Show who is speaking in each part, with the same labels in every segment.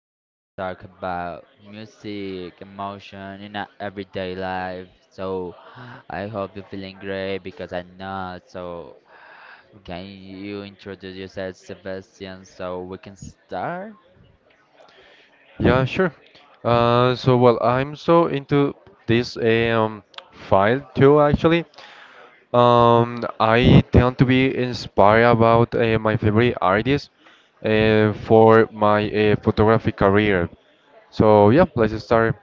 Speaker 1: we're gonna talk about music, emotion in our everyday life. So I hope you're feeling great because I'm not. So can you introduce yourself, Sebastian, so we can start?
Speaker 2: Yeah, sure. I'm so into this file too, actually. I tend to be inspired about my favorite artists for my photography career. So, yeah, let's start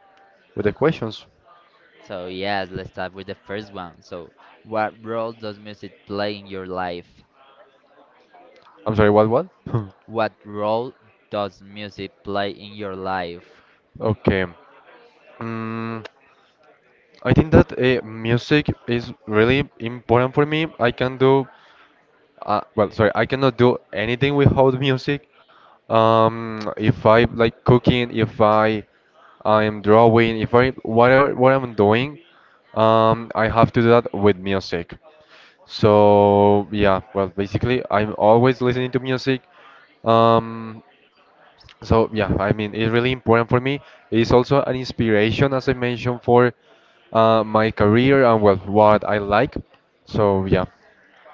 Speaker 2: with the questions.
Speaker 1: So yes, let's start with the first one. So what role does music play in your life?
Speaker 2: I'm sorry, what?
Speaker 1: What role does music play in your life?
Speaker 2: Okay. Mm, I think that music is really important for me. I cannot do anything without music. If I like cooking, if I am drawing, if I whatever what I'm doing, I have to do that with music. So yeah, well, basically, I'm always listening to music. Um, so yeah, I mean, it's really important for me. It's also an inspiration, as I mentioned, for my career and well, what I like. So yeah,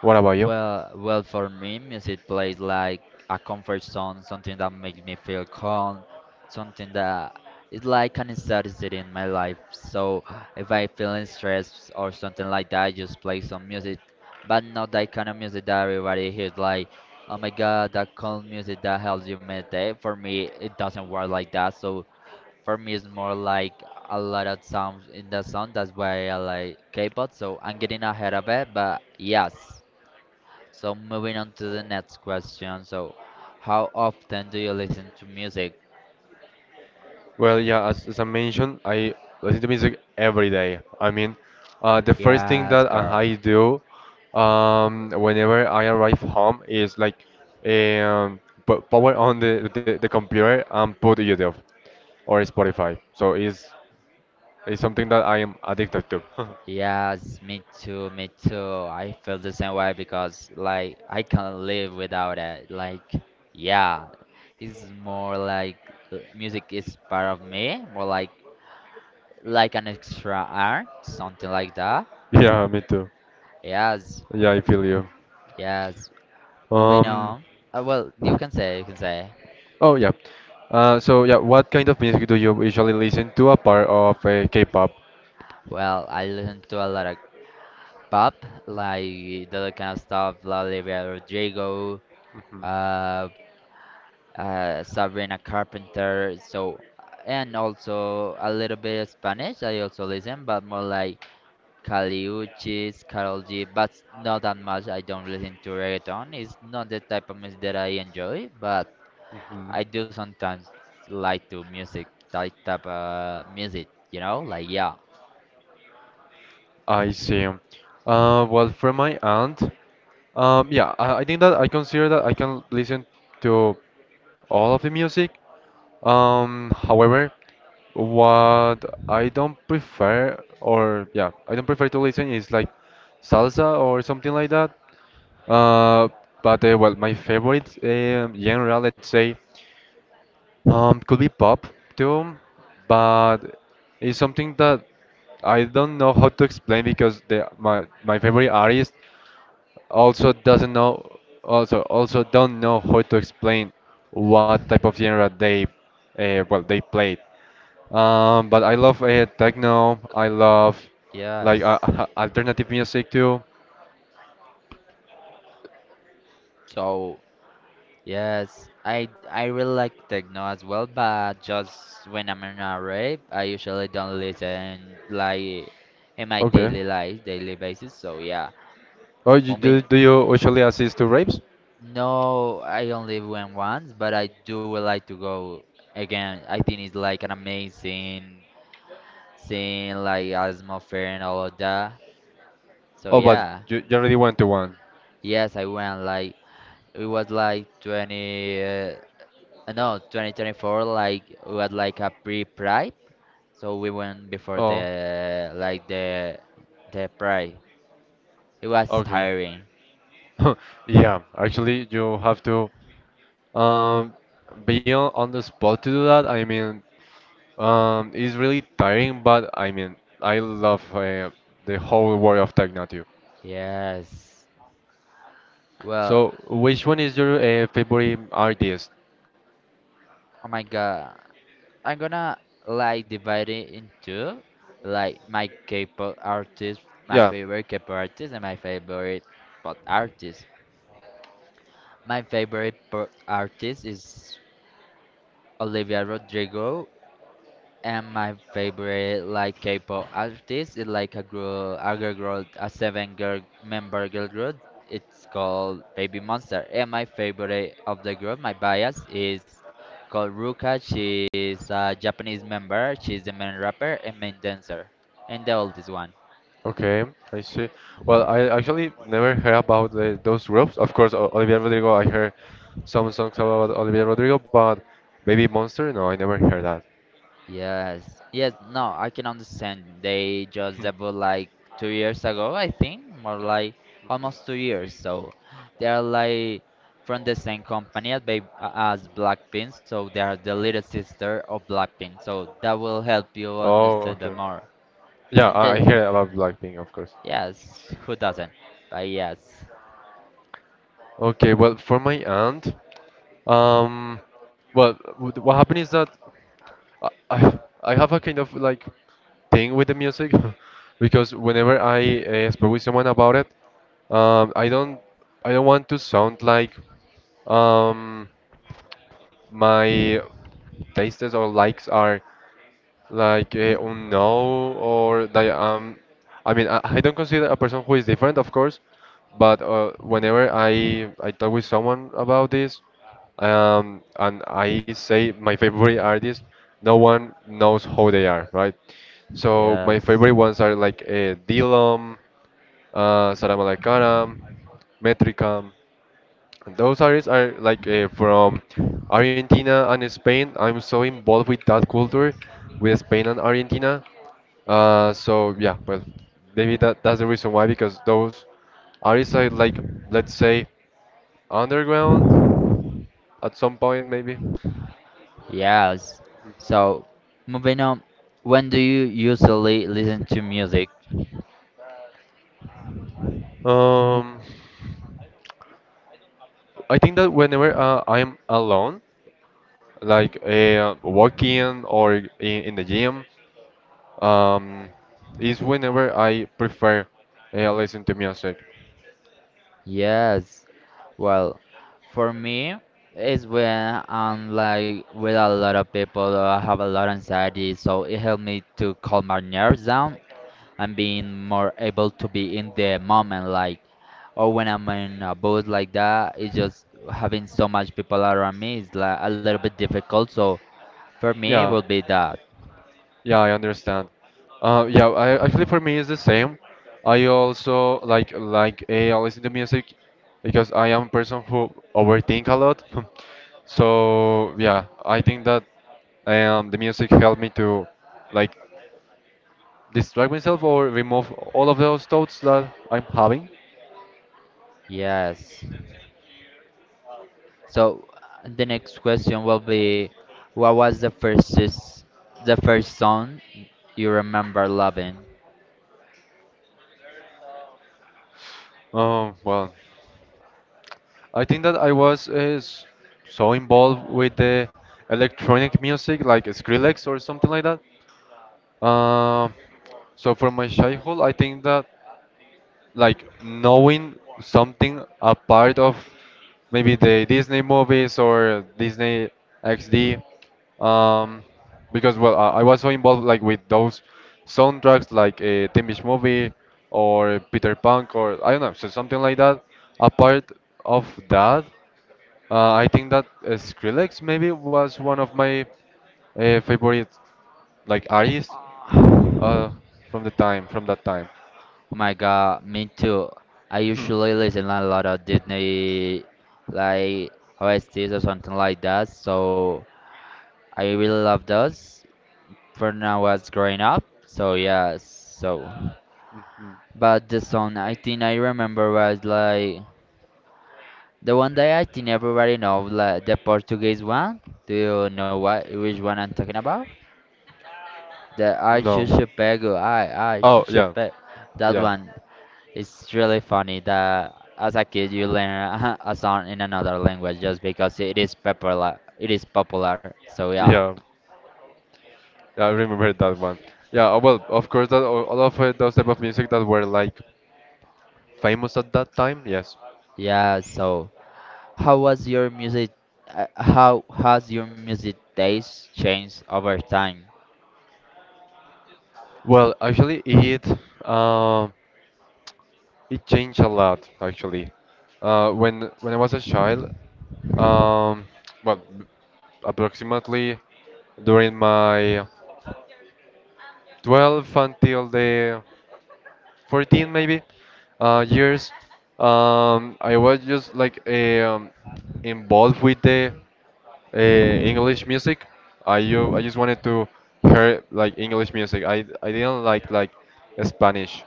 Speaker 2: what about you?
Speaker 1: Well, for me, music plays like a comfort zone, something that makes me feel calm, something that is like an necessity in my life. So if I feeling stressed or something like that, I just play some music, but not that kind of music that everybody hears. Like, oh my God, that calm music that helps you meditate. For me, it doesn't work like that. So for me, it's more like a lot of sounds in the song. That's why I like K-pop. So I'm getting ahead of it, but yes. So moving on to the next question. So how often do you listen to music?
Speaker 2: Well, yeah, as I mentioned, I listen to music every day. I mean, the first thing
Speaker 1: Yes,
Speaker 2: that
Speaker 1: girl.
Speaker 2: I do whenever I arrive home is like um, p power on the computer and put YouTube or Spotify. So it's something that I am addicted to.
Speaker 1: Yes, me too. I feel the same way because like I can't live without it. Like yeah, it's more like music is part of me, more like an extra art, something like that.
Speaker 2: Yeah, me too.
Speaker 1: Yes,
Speaker 2: Yeah, I feel you.
Speaker 1: yes. Moving
Speaker 2: Um,
Speaker 1: on. Well, you can say.
Speaker 2: oh yeah. So yeah, what kind of music do you usually listen to apart of K-pop?
Speaker 1: Well, I listen to a lot of pop, like the kind of stuff, La Olivia Rodrigo, uh, Sabrina Carpenter. So, and also a little bit of Spanish. I also listen, but more like Caliuchis, Karol G, but not that much. I don't listen to reggaeton. It's not the type of music that I enjoy, but
Speaker 2: Mhm.
Speaker 1: I do sometimes like to music, type of music. You know, like yeah,
Speaker 2: I see. Well, from my end, yeah, I think that I consider that I can listen to all of the music. However, what I don't prefer, or yeah, I don't prefer to listen is like salsa or something like that. Uh, but well, my favorite genre, let's say, could be pop too, but it's something that I don't know how to explain because the my my favorite artist. Also doesn't know also don't know how to explain what type of genre they well they played, but I love techno. I love like
Speaker 1: yes.
Speaker 2: alternative music too.
Speaker 1: So. Yes, I really like techno as well, but just when I'm in a rave, I usually don't listen like in my
Speaker 2: Okay.
Speaker 1: daily life, daily basis. So yeah,
Speaker 2: Oh,
Speaker 1: moving.
Speaker 2: do you usually assist to raves?
Speaker 1: No, I only went once, but I do would like to go again. I think it's like an amazing scene, like atmosphere and all of that. So
Speaker 2: Oh, but
Speaker 1: yeah,
Speaker 2: you already went to one.
Speaker 1: yes, I went like it was like 20, no, 2024, like it was like a pre-pride. So we went before
Speaker 2: Oh,
Speaker 1: the like the pride. It was
Speaker 2: okay.
Speaker 1: tiring.
Speaker 2: Yeah, actually you have to um, be on the spot to do that, I mean. It's really tiring, but I mean, I love the whole world of techno too.
Speaker 1: Yes. Well,
Speaker 2: So, which one is your favorite artist?
Speaker 1: oh my god. I'm gonna like divide it into like my K-pop artist, my
Speaker 2: Yeah,
Speaker 1: favorite K-pop artist, and my favorite pop artist. My favorite pop artist is Olivia Rodrigo. And my favorite like K-pop artist is like a girl group, a 7 girl member girl group. It's called Baby Monster. And my favorite of the group, my bias is called Ruka. She's a Japanese member. She's the main rapper and main dancer, and the oldest one.
Speaker 2: okay, I see. Well, I actually never heard about those groups. Of course, Olivia Rodrigo, I heard some songs about Olivia Rodrigo, but Baby Monster? No, I never heard that.
Speaker 1: Yes, yes, no, I can understand. They just debuted like 2 years ago, I think, more like almost 2 years. So they are like from the same company as, Babe, as Blackpink, so they are the little sister of Blackpink. So that will help you
Speaker 2: Oh,
Speaker 1: understand
Speaker 2: okay.
Speaker 1: them more.
Speaker 2: Yeah,
Speaker 1: And
Speaker 2: I
Speaker 1: the,
Speaker 2: hear about Blackpink, of course.
Speaker 1: yes, who doesn't? But yes,
Speaker 2: Okay, well, for my aunt, um, well, what happened is that I have a kind of like thing with the music because whenever I speak with someone about it, um, I don't I don't want to sound like um, my tastes or likes are like unknown or that I mean I don't consider a person who is different, of course, but whenever I talk with someone about this, and I say my favorite artist, no one knows who they are, right? So my
Speaker 1: yes,
Speaker 2: favorite ones are like Dilom, Sara Malacara, Metricam. Those artists are like from Argentina and Spain. I'm so involved with that culture, with Spain and Argentina. So yeah, well, maybe that that's the reason why, because those artists are like, let's say, underground at some point, maybe.
Speaker 1: yes.
Speaker 2: Mhm.
Speaker 1: So moving on, when do you usually listen to music?
Speaker 2: Um, I think that whenever I'm alone, like walking or in the gym, um, is whenever I prefer listen to music.
Speaker 1: Yes. Well, for me, it's when I'm like with a lot of people, or I have a lot of anxiety, so it helped me to calm my nerves down and being more able to be in the moment, like, or when I'm in a booth like that, it's just having so much people around me is like a little bit difficult. So for me, it
Speaker 2: Yeah,
Speaker 1: would be that.
Speaker 2: yeah, I understand. Yeah, actually for me it's the same. I also like eh, I listen to music because I am a person who overthink a lot. So yeah, I think that the music helped me to like distract myself or remove all of those thoughts that I'm having.
Speaker 1: Yes. So the next question will be, what was the first the first song you remember loving?
Speaker 2: Well, I think that I was is so involved with the electronic music like Skrillex or something like that. Um, so for my childhood, I think that like knowing something a part of maybe the Disney movies or Disney XD, um, because well, I was so involved like with those soundtracks, like a Teen Beach Movie or Peter Punk or I don't know, so something like that. Apart of that, I think that Skrillex maybe was one of my favorite like artists
Speaker 1: Oh
Speaker 2: uh, from the time, from that time.
Speaker 1: my god, me too. I
Speaker 2: Hmm.
Speaker 1: usually listen a lot of Disney, like OSTs or something like that. So I really love those when I was growing up. So yeah, so.
Speaker 2: Hmm.
Speaker 1: But the song I think I remember was like the one that I think everybody knows, like the Portuguese one. Do you know what which one I'm talking about? The I
Speaker 2: No.
Speaker 1: should pego, I
Speaker 2: Oh,
Speaker 1: should
Speaker 2: yeah,
Speaker 1: pego. That
Speaker 2: yeah,
Speaker 1: one. It's really funny that as a kid you learn a song in another language just because it is popular. It is popular. So yeah,
Speaker 2: yeah, yeah, I remember that one. Yeah, well, of course, that all of those type of music that were like famous at that time. Yes.
Speaker 1: yeah. So how was your music? How has your music taste changed over time?
Speaker 2: Well, actually, it um it changed a lot. Actually, when I was a child, um, well, approximately during my 12 until the 14 maybe years, I was just like involved with the English music. I just wanted to hear like English music. I didn't like Spanish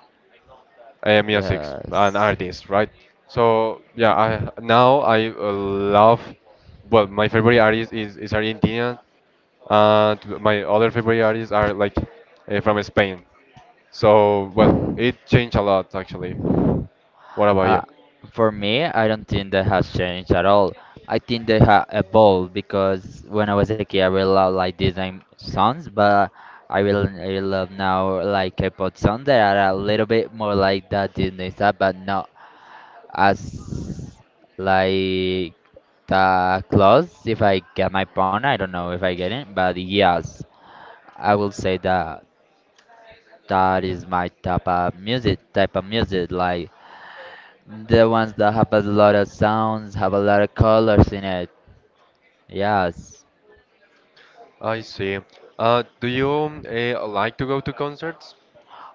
Speaker 2: music and
Speaker 1: Yes.
Speaker 2: artists, right? So yeah, I now I love, well, my favorite artist is Argentinian, and my other favorite artists are like from Spain. So, well, it changed a lot actually. What about
Speaker 1: Uh,
Speaker 2: you?
Speaker 1: for me, I don't think that has changed at all. I think they have evolved because when I was a kid, I really loved like Disney songs, but I really love now like K-pop songs that are a little bit more like that Disney stuff, but not as like that close. If I get my point, I don't know if I get it, but yes, I will say that that is my type of music like. The ones that have a lot of sounds, have a lot of colors in it. Yes.
Speaker 2: I see. Do you like to go to concerts?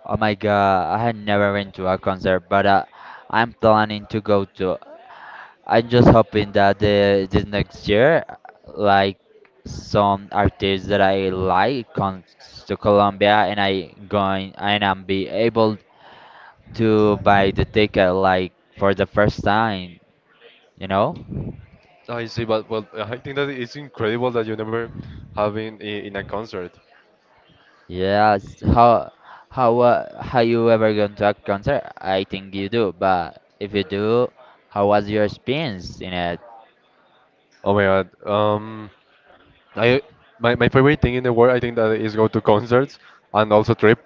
Speaker 1: Oh my god, I had never been to a concert, but I'm planning to go to. I'm just hoping that the, this next year, like some artists that I like comes to Colombia and I going and I'm be able to buy the ticket like for the first time, you know?
Speaker 2: I see, but well, I think that it's incredible that you never have been in a concert.
Speaker 1: Yes, how how you ever gone to a concert? I think you do, but if you do, how was your experience in it?
Speaker 2: Oh my God. I my favorite thing in the world, I think that is go to concerts and also trip.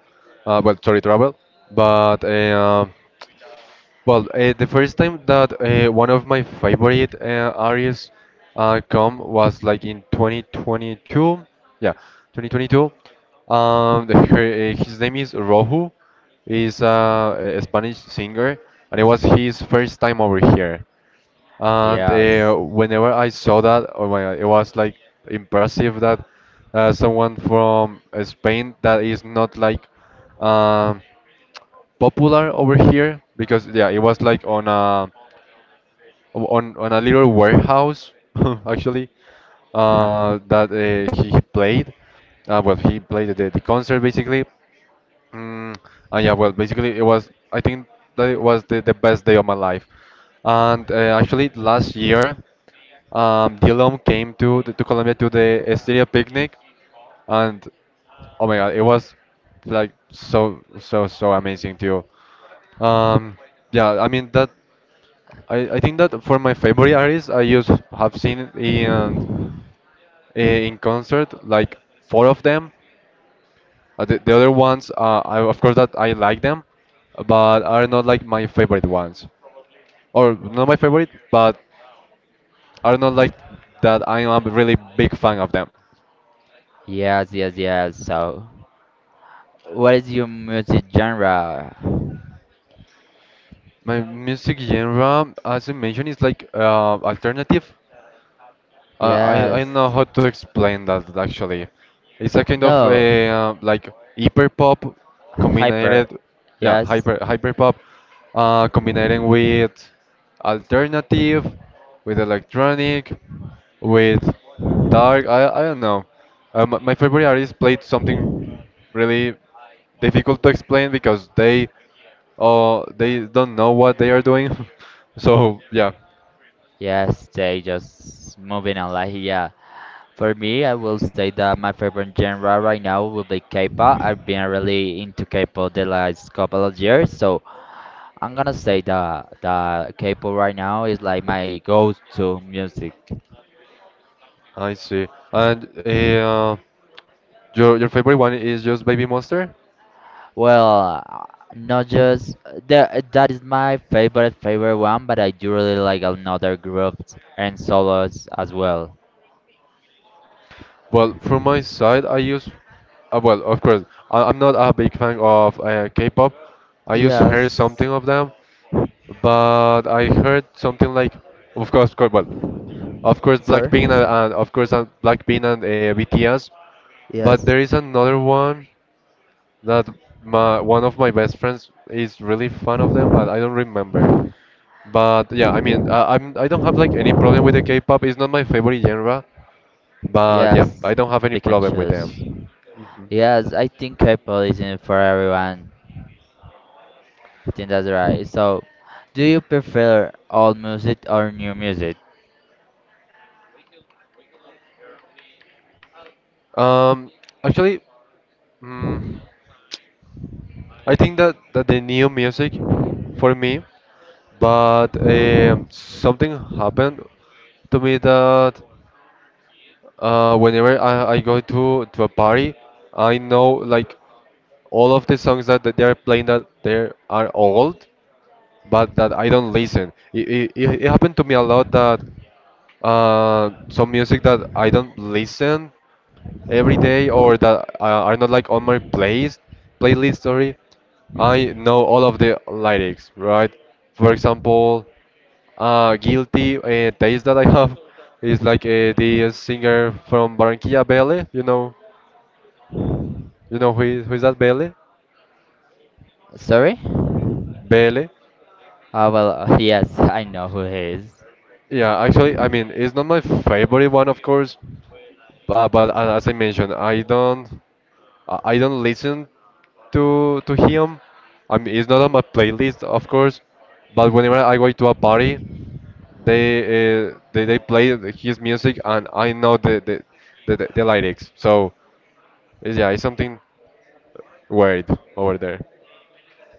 Speaker 2: Well, sorry, travel. But uh, the first time that one of my favorite artists come was like in 2022. Yeah, 2022. His name is Rohu. He's a Spanish singer, and it was his first time over here. And
Speaker 1: Yes.
Speaker 2: whenever I saw that, oh my God, it was like impressive that someone from Spain that is not like um, popular over here, because yeah, it was like on a on a little warehouse actually
Speaker 1: Huh.
Speaker 2: that he played. Well, he played the concert basically. Mm, yeah, well, basically, it was, I think that it was the best day of my life. And actually, last year, Dylan came to Colombia to the Estiria picnic, and oh my God, it was like so, so, so amazing too. Um, yeah, I mean, that, I think that for my favorite artists, I used have seen in concert like four of them. The other ones, of course, that I like them, but are not like my favorite ones, or not my favorite, but are not like that. I am a really big fan of them.
Speaker 1: Yes. So, what is your music genre?
Speaker 2: My music genre, as I mentioned, is like alternative. I
Speaker 1: Yes.
Speaker 2: know how to explain that actually. It's a kind of
Speaker 1: No.
Speaker 2: a like hyper pop combined,
Speaker 1: Hyper.
Speaker 2: yeah,
Speaker 1: Yes.
Speaker 2: hyper pop, combining with alternative, with electronic, with dark. I don't know. My favorite artist played something really difficult to explain because they they don't know what they are doing. So yeah.
Speaker 1: Yes, they just moving on like yeah. For me, I will say that my favorite genre right now will be K-pop. I've been really into K-pop the last couple of years, so I'm gonna say that that K-pop right now is like my go-to music.
Speaker 2: I see. And your favorite one is just Baby Monster?
Speaker 1: Well, not just the, that is my favorite favorite one, but I do really like another groups and solos as well.
Speaker 2: Well, from my side, I use, well, of course, I'm not a big fan of K-pop. I used to hear something
Speaker 1: Yes,
Speaker 2: of them, but I heard something like, of course, well, of course,
Speaker 1: sir.
Speaker 2: Blackpink and BTS. But
Speaker 1: Yes.
Speaker 2: there is another one that my one of my best friends is really fan of them, but I don't remember. But yeah, I mean, I'm I don't have like any problem with the K-pop. It's not my favorite genre, but yeah, I
Speaker 1: Yes,
Speaker 2: don't have any
Speaker 1: pick and
Speaker 2: problem with them.
Speaker 1: choose. Yes, I think K-pop isn't for everyone. I think that's right. So, do you prefer old music or new music?
Speaker 2: Um, Actually, mm, I think that the new music for me, but something happened to me that whenever I go to a party, I know like all of the songs that they're playing, that they are old, but that I don't listen. It happened to me a lot that some music that I don't listen every day or that are not like on my plays playlist, sorry, I know all of the lyrics, right? For example, guilty taste that I have is like the singer from Barranquilla, Belle, you know, you know who is that? Belle.
Speaker 1: Sorry?
Speaker 2: belle
Speaker 1: Ah well, yes, I know who he is.
Speaker 2: yeah, actually, I mean, it's not my favorite one, of course, but as I mentioned, I don't listen to him. I mean, it's not on my playlist, of course, but whenever I go to a party, they they play his music and I know the lyrics. So it's- yeah, it's something weird over there.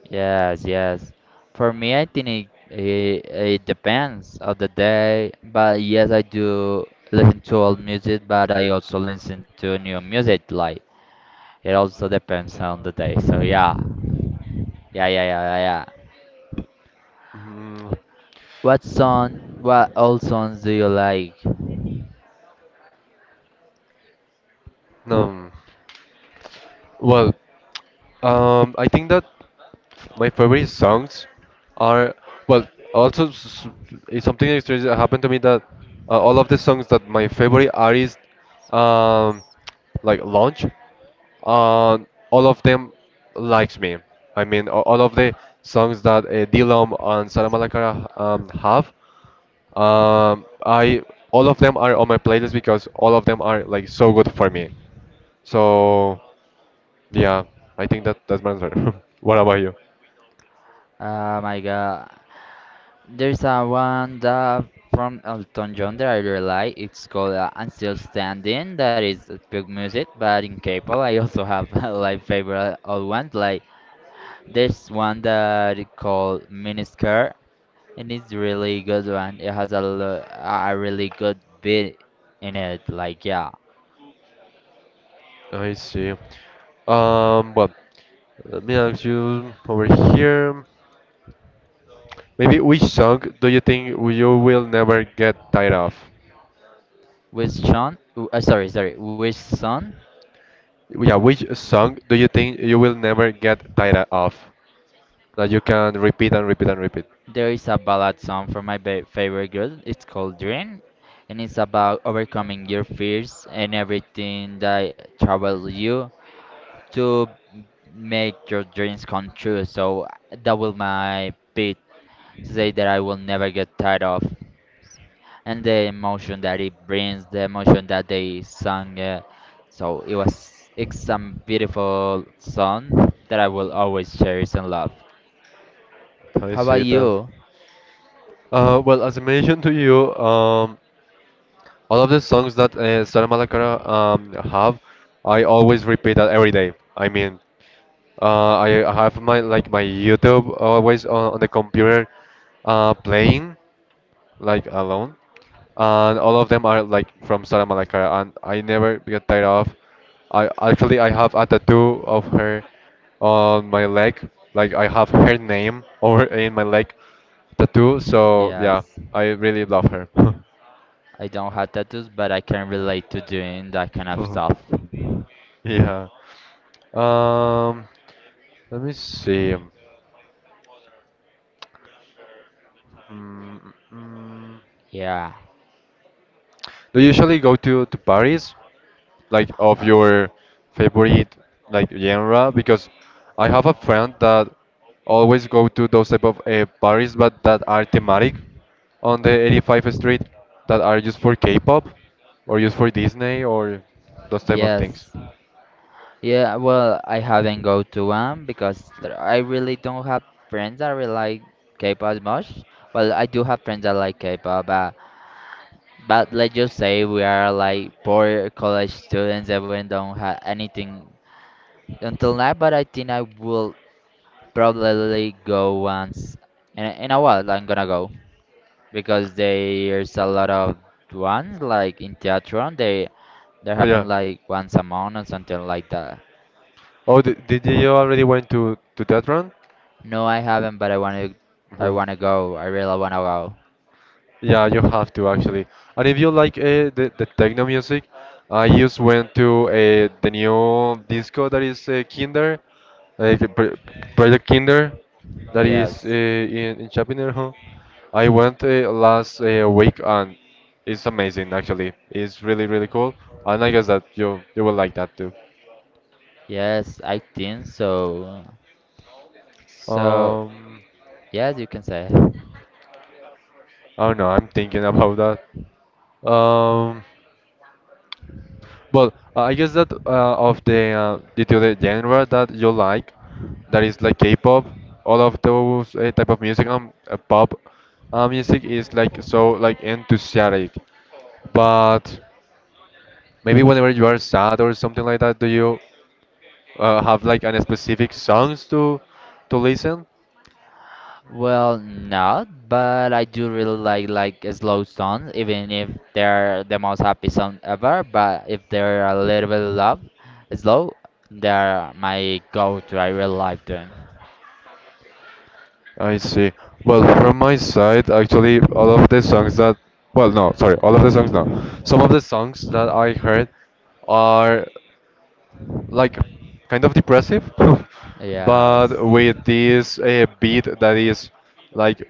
Speaker 1: Yes, yes. For me, I think it depends of the day. But yes, I do listen to old music, but I also listen to new music. Like, it also depends on the day. So, yeah. Yeah.
Speaker 2: Mm,
Speaker 1: What song, what old songs do you like?
Speaker 2: no, well, I think that. My favorite songs are well. Also, it's something that strange that happened to me that all of the songs that my favorite artist um, like launch, uh, all of them likes me. I mean, all of the songs that Dilom and Sara Malacara have, I all of them are on my playlist because all of them are like so good for me. So yeah, I think that that's my answer. What about you?
Speaker 1: Oh my god. There's a one that from Elton John that I really like. It's called I'm Still Standing. That is big music, but in K-pop I also have like favorite old ones. Like there's one that it called Miniskirt, and it's really good one. It has a lo- a really good beat in it. Like yeah,
Speaker 2: I see. Well, let me ask you over here. Maybe which song do you think you will never get tired of?
Speaker 1: with Sean. With Son.
Speaker 2: Yeah, which song do you think you will never get tired of? That you can repeat and repeat and repeat.
Speaker 1: There is a ballad song from my favorite girl. It's called Dream, and it's about overcoming your fears and everything that troubles you to make your dreams come true. So that will my beat to say that I will never get tired of, and the emotion that it brings, the emotion that they sung. So it was it's some beautiful song that I will always cherish and love.
Speaker 2: I
Speaker 1: How about
Speaker 2: see that.
Speaker 1: you?
Speaker 2: Well, as I mentioned to you, all of the songs that Sara Malacara have, I always repeat that every day. I mean, I have my like my YouTube always on the computer playing like alone, and all of them are like from Sara Malacara, and I never get tired of. I actually I have a tattoo of her on my leg, like I have her name over in my leg tattoo. So yeah,
Speaker 1: Yes.
Speaker 2: I really love her.
Speaker 1: I don't have tattoos, but I can relate to doing that kind of stuff.
Speaker 2: Yeah. Um, Let me see. Mm, mm.
Speaker 1: Yeah.
Speaker 2: Do you usually go to Paris, like of
Speaker 1: Uh,
Speaker 2: your favorite like genre? Because I have a friend that always go to those type of Paris, but that are thematic on the 85th Street, that are just for K-pop, or just for Disney, or those type of
Speaker 1: yes.
Speaker 2: things.
Speaker 1: Yeah, well, I haven't go to one because I really don't have friends that really like K-pop as much. Well, I do have friends that like K-pop, but let's just say we are like poor college students and we don't have anything until now. But I think I will probably go once in a while. I'm gonna go, because there's a lot of ones like in theatron they
Speaker 2: Oh yeah.
Speaker 1: happen like once a month or something like that.
Speaker 2: Oh, did you already went to that run?
Speaker 1: No, I haven't, but I want to, I
Speaker 2: Mhm.
Speaker 1: want to go, I really want to go.
Speaker 2: Yeah, you have to actually. And if you like the techno music, I just went to the new disco that is Kinder, like Project Kinder, that is
Speaker 1: Yes,
Speaker 2: in Chapinero. Huh? I went last week and it's amazing actually. It's really, really cool. And I guess that you will like that too.
Speaker 1: yes, I think so. So
Speaker 2: Um,
Speaker 1: yes, you can say.
Speaker 2: I don't know, I'm thinking about that. Well, I guess that of the other genre that you like, that is like K-pop, all of those type of music and pop music is like so like enthusiastic. But maybe whenever you are sad or something like that, do you have like any specific songs to listen?
Speaker 1: Well, not but I do really like slow songs even if they're the most happy song ever, but if they're a little bit love slow, they're my go-to, I really like them.
Speaker 2: I see. Well, from my side, actually, all of the songs that, well, no, sorry, all of the songs, no. Some of the songs that I heard are. Like kind of depressive, but
Speaker 1: Yes.
Speaker 2: with this beat that is like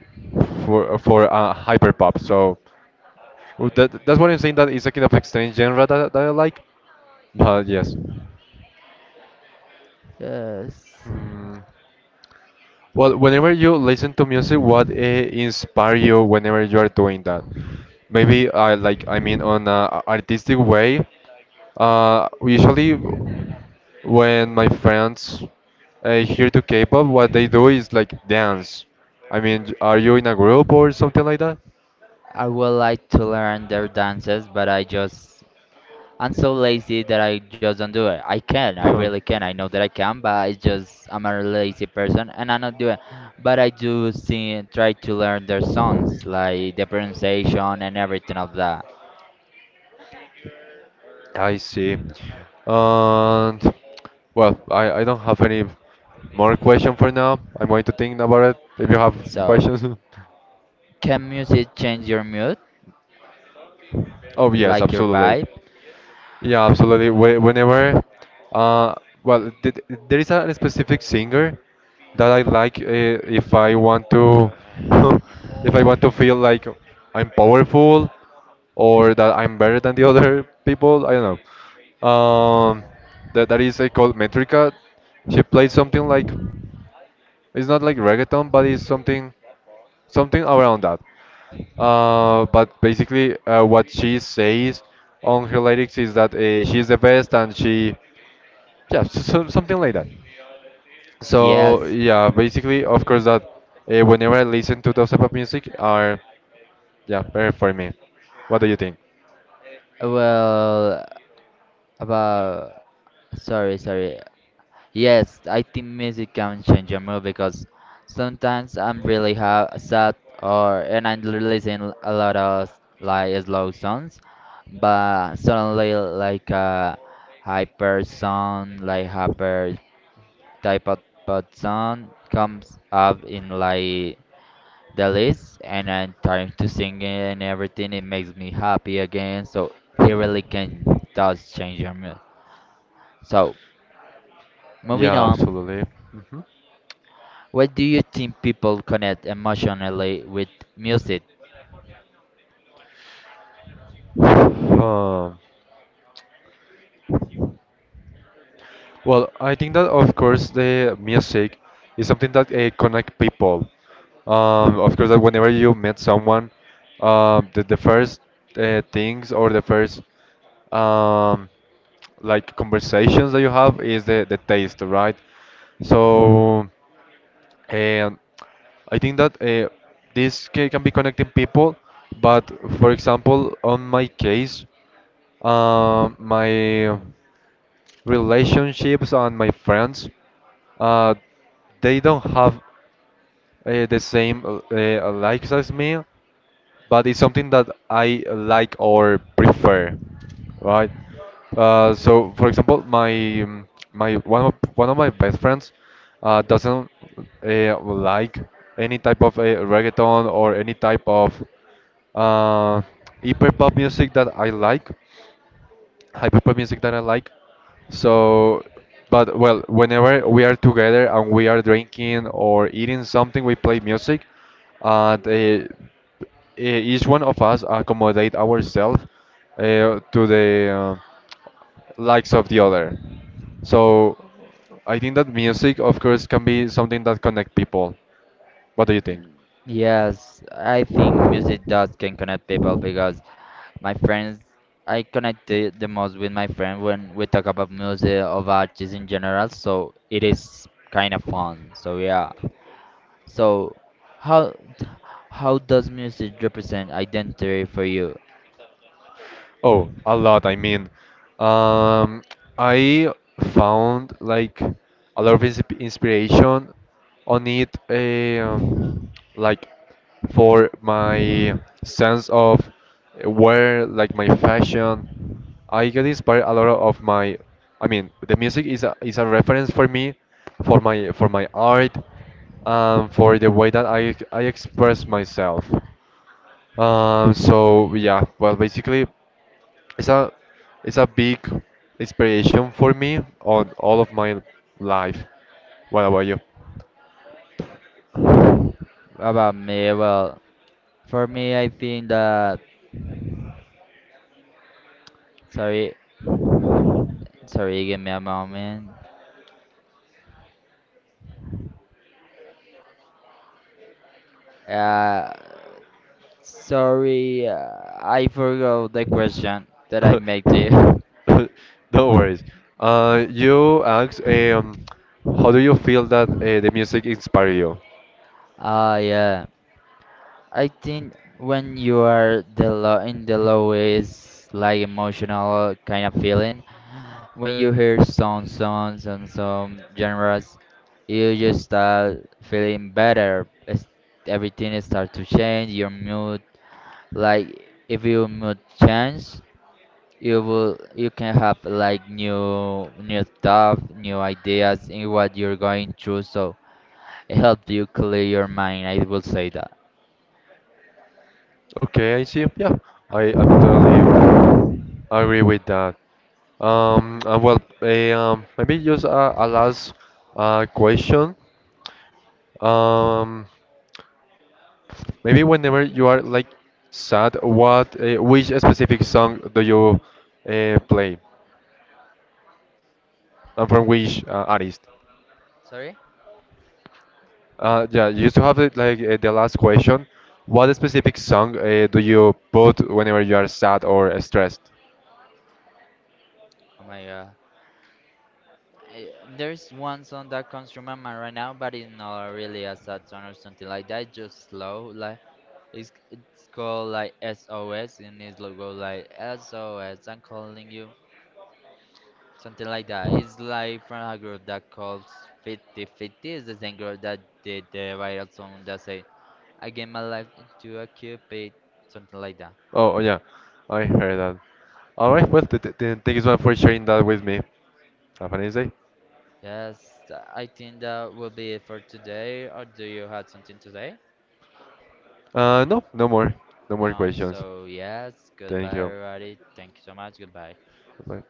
Speaker 2: for hyper pop. So that's what I'm saying. That is a kind of strange genre that I like. But yes.
Speaker 1: Yes.
Speaker 2: Hmm. Well, whenever you listen to music, what inspire you whenever you are doing that? Maybe like I mean on a artistic way. Usually. When my friends here to K-pop, what they do is like dance. I mean, are you in a group or something like that?
Speaker 1: I would like to learn their dances, but I just I'm so lazy that I just don't do it. I
Speaker 2: Huh.
Speaker 1: really can. I know that I can, but I just I'm a lazy person and I don't do it. But I do see try to learn their songs, like the pronunciation and everything of that.
Speaker 2: I see. And well, I don't have any more question for now. I'm going to think about it. If you have
Speaker 1: So,
Speaker 2: questions,
Speaker 1: can music change your mood,
Speaker 2: oh yes,
Speaker 1: like your
Speaker 2: absolutely.
Speaker 1: vibe?
Speaker 2: Yeah, absolutely. Whenever, uh, well, there is a specific singer that I like. If I want to, if I want to feel like I'm powerful or that I'm better than the other people, I don't know. Um, that is called Metrica. She plays something like, it's not like reggaeton, but it's something, something around that. But basically, what she says on her lyrics is that she's the best and she, yeah, something like that. So
Speaker 1: Yes.
Speaker 2: yeah, basically, of course, that whenever I listen to those type of music are, yeah, better for me. What do you think?
Speaker 1: Well, about sorry. Yes, I think music can change your mood because sometimes I'm really ha sad or and I listen a lot of like slow songs, but suddenly like a hyper song, like hyper type of pop song comes up in like the list, and I'm trying to sing it and everything. It makes me happy again, so it really can does change your mood. So moving
Speaker 2: Yeah,
Speaker 1: on.
Speaker 2: absolutely.
Speaker 1: Why do you think people connect emotionally with music?
Speaker 2: Huh. Well, I think that of course the music is something that connect people. Of course, that whenever you meet someone, the first things or the first um, like conversations that you have is the taste, right? So, and I think that this can be connecting people, but for example, on my case, my relationships and my friends, uh, they don't have the same likes as me, but it's something that I like or prefer, right? So, for example, my my one of my best friends doesn't like any type of reggaeton or any type of uh, hyper pop music that I like. So, but well, whenever we are together and we are drinking or eating something, we play music. And uh, each one of us accommodate ourselves to the likes of the other. So, I think that music, of course, can be something that connect people. What do you think?
Speaker 1: Yes, I think music does can connect people because my friends, I connect the most with my friend when we talk about music of artists in general, so it is kind of fun. So yeah. So how how does music represent identity for you?
Speaker 2: Oh, a lot. I mean, um, I found like a lot of inspiration on it, like for my sense of where, like my fashion. I get inspired a lot of my, I mean, the music is a reference for me, for my art, for the way that I express myself. So yeah, well, basically, it's a it's a big inspiration for me on all of my life. What about you?
Speaker 1: About me, well, for me, I think that sorry, give me a moment. Uh, Sorry, uh, I forgot the question that I made to you.
Speaker 2: No worries. You asked, how do you feel that the music inspired you?
Speaker 1: Ah, yeah. I think when you are the low in the low is like emotional kind of feeling. When you hear some songs and some genres, you just start feeling better. It's, everything start to change your mood. Like if your mood change, you will you can have like new stuff new ideas in what you're going through, so it helps you clear your mind, I will say that.
Speaker 2: Okay, I see. Yeah, I'm totally agree with that. Well, maybe just a last question. Um, Maybe whenever you are like sad, what which specific song do you play and from which artist?
Speaker 1: Sorry.
Speaker 2: Yeah, you used to have it like the last question. What specific song do you put whenever you are sad or stressed?
Speaker 1: Oh my god, I, there's one song that comes from my mind right now, but it's not really a sad song or something like that, it's just slow, like it's called like sos and it's logo like S O am calling you, something like that. It's like from a group that calls 50 50. 50 the same group that did the viral song that say I gave my life to a cupid, something like that.
Speaker 2: Oh, yeah, I heard that. All right, well, thank you so much for sharing that with me. Have a nice day.
Speaker 1: Yes, I think that will be it for today. Or do you have something today?
Speaker 2: No, no more, no more
Speaker 1: No,
Speaker 2: questions.
Speaker 1: so yes,
Speaker 2: Thank
Speaker 1: goodbye
Speaker 2: you.
Speaker 1: everybody. Thank you so much. Goodbye.
Speaker 2: Bye.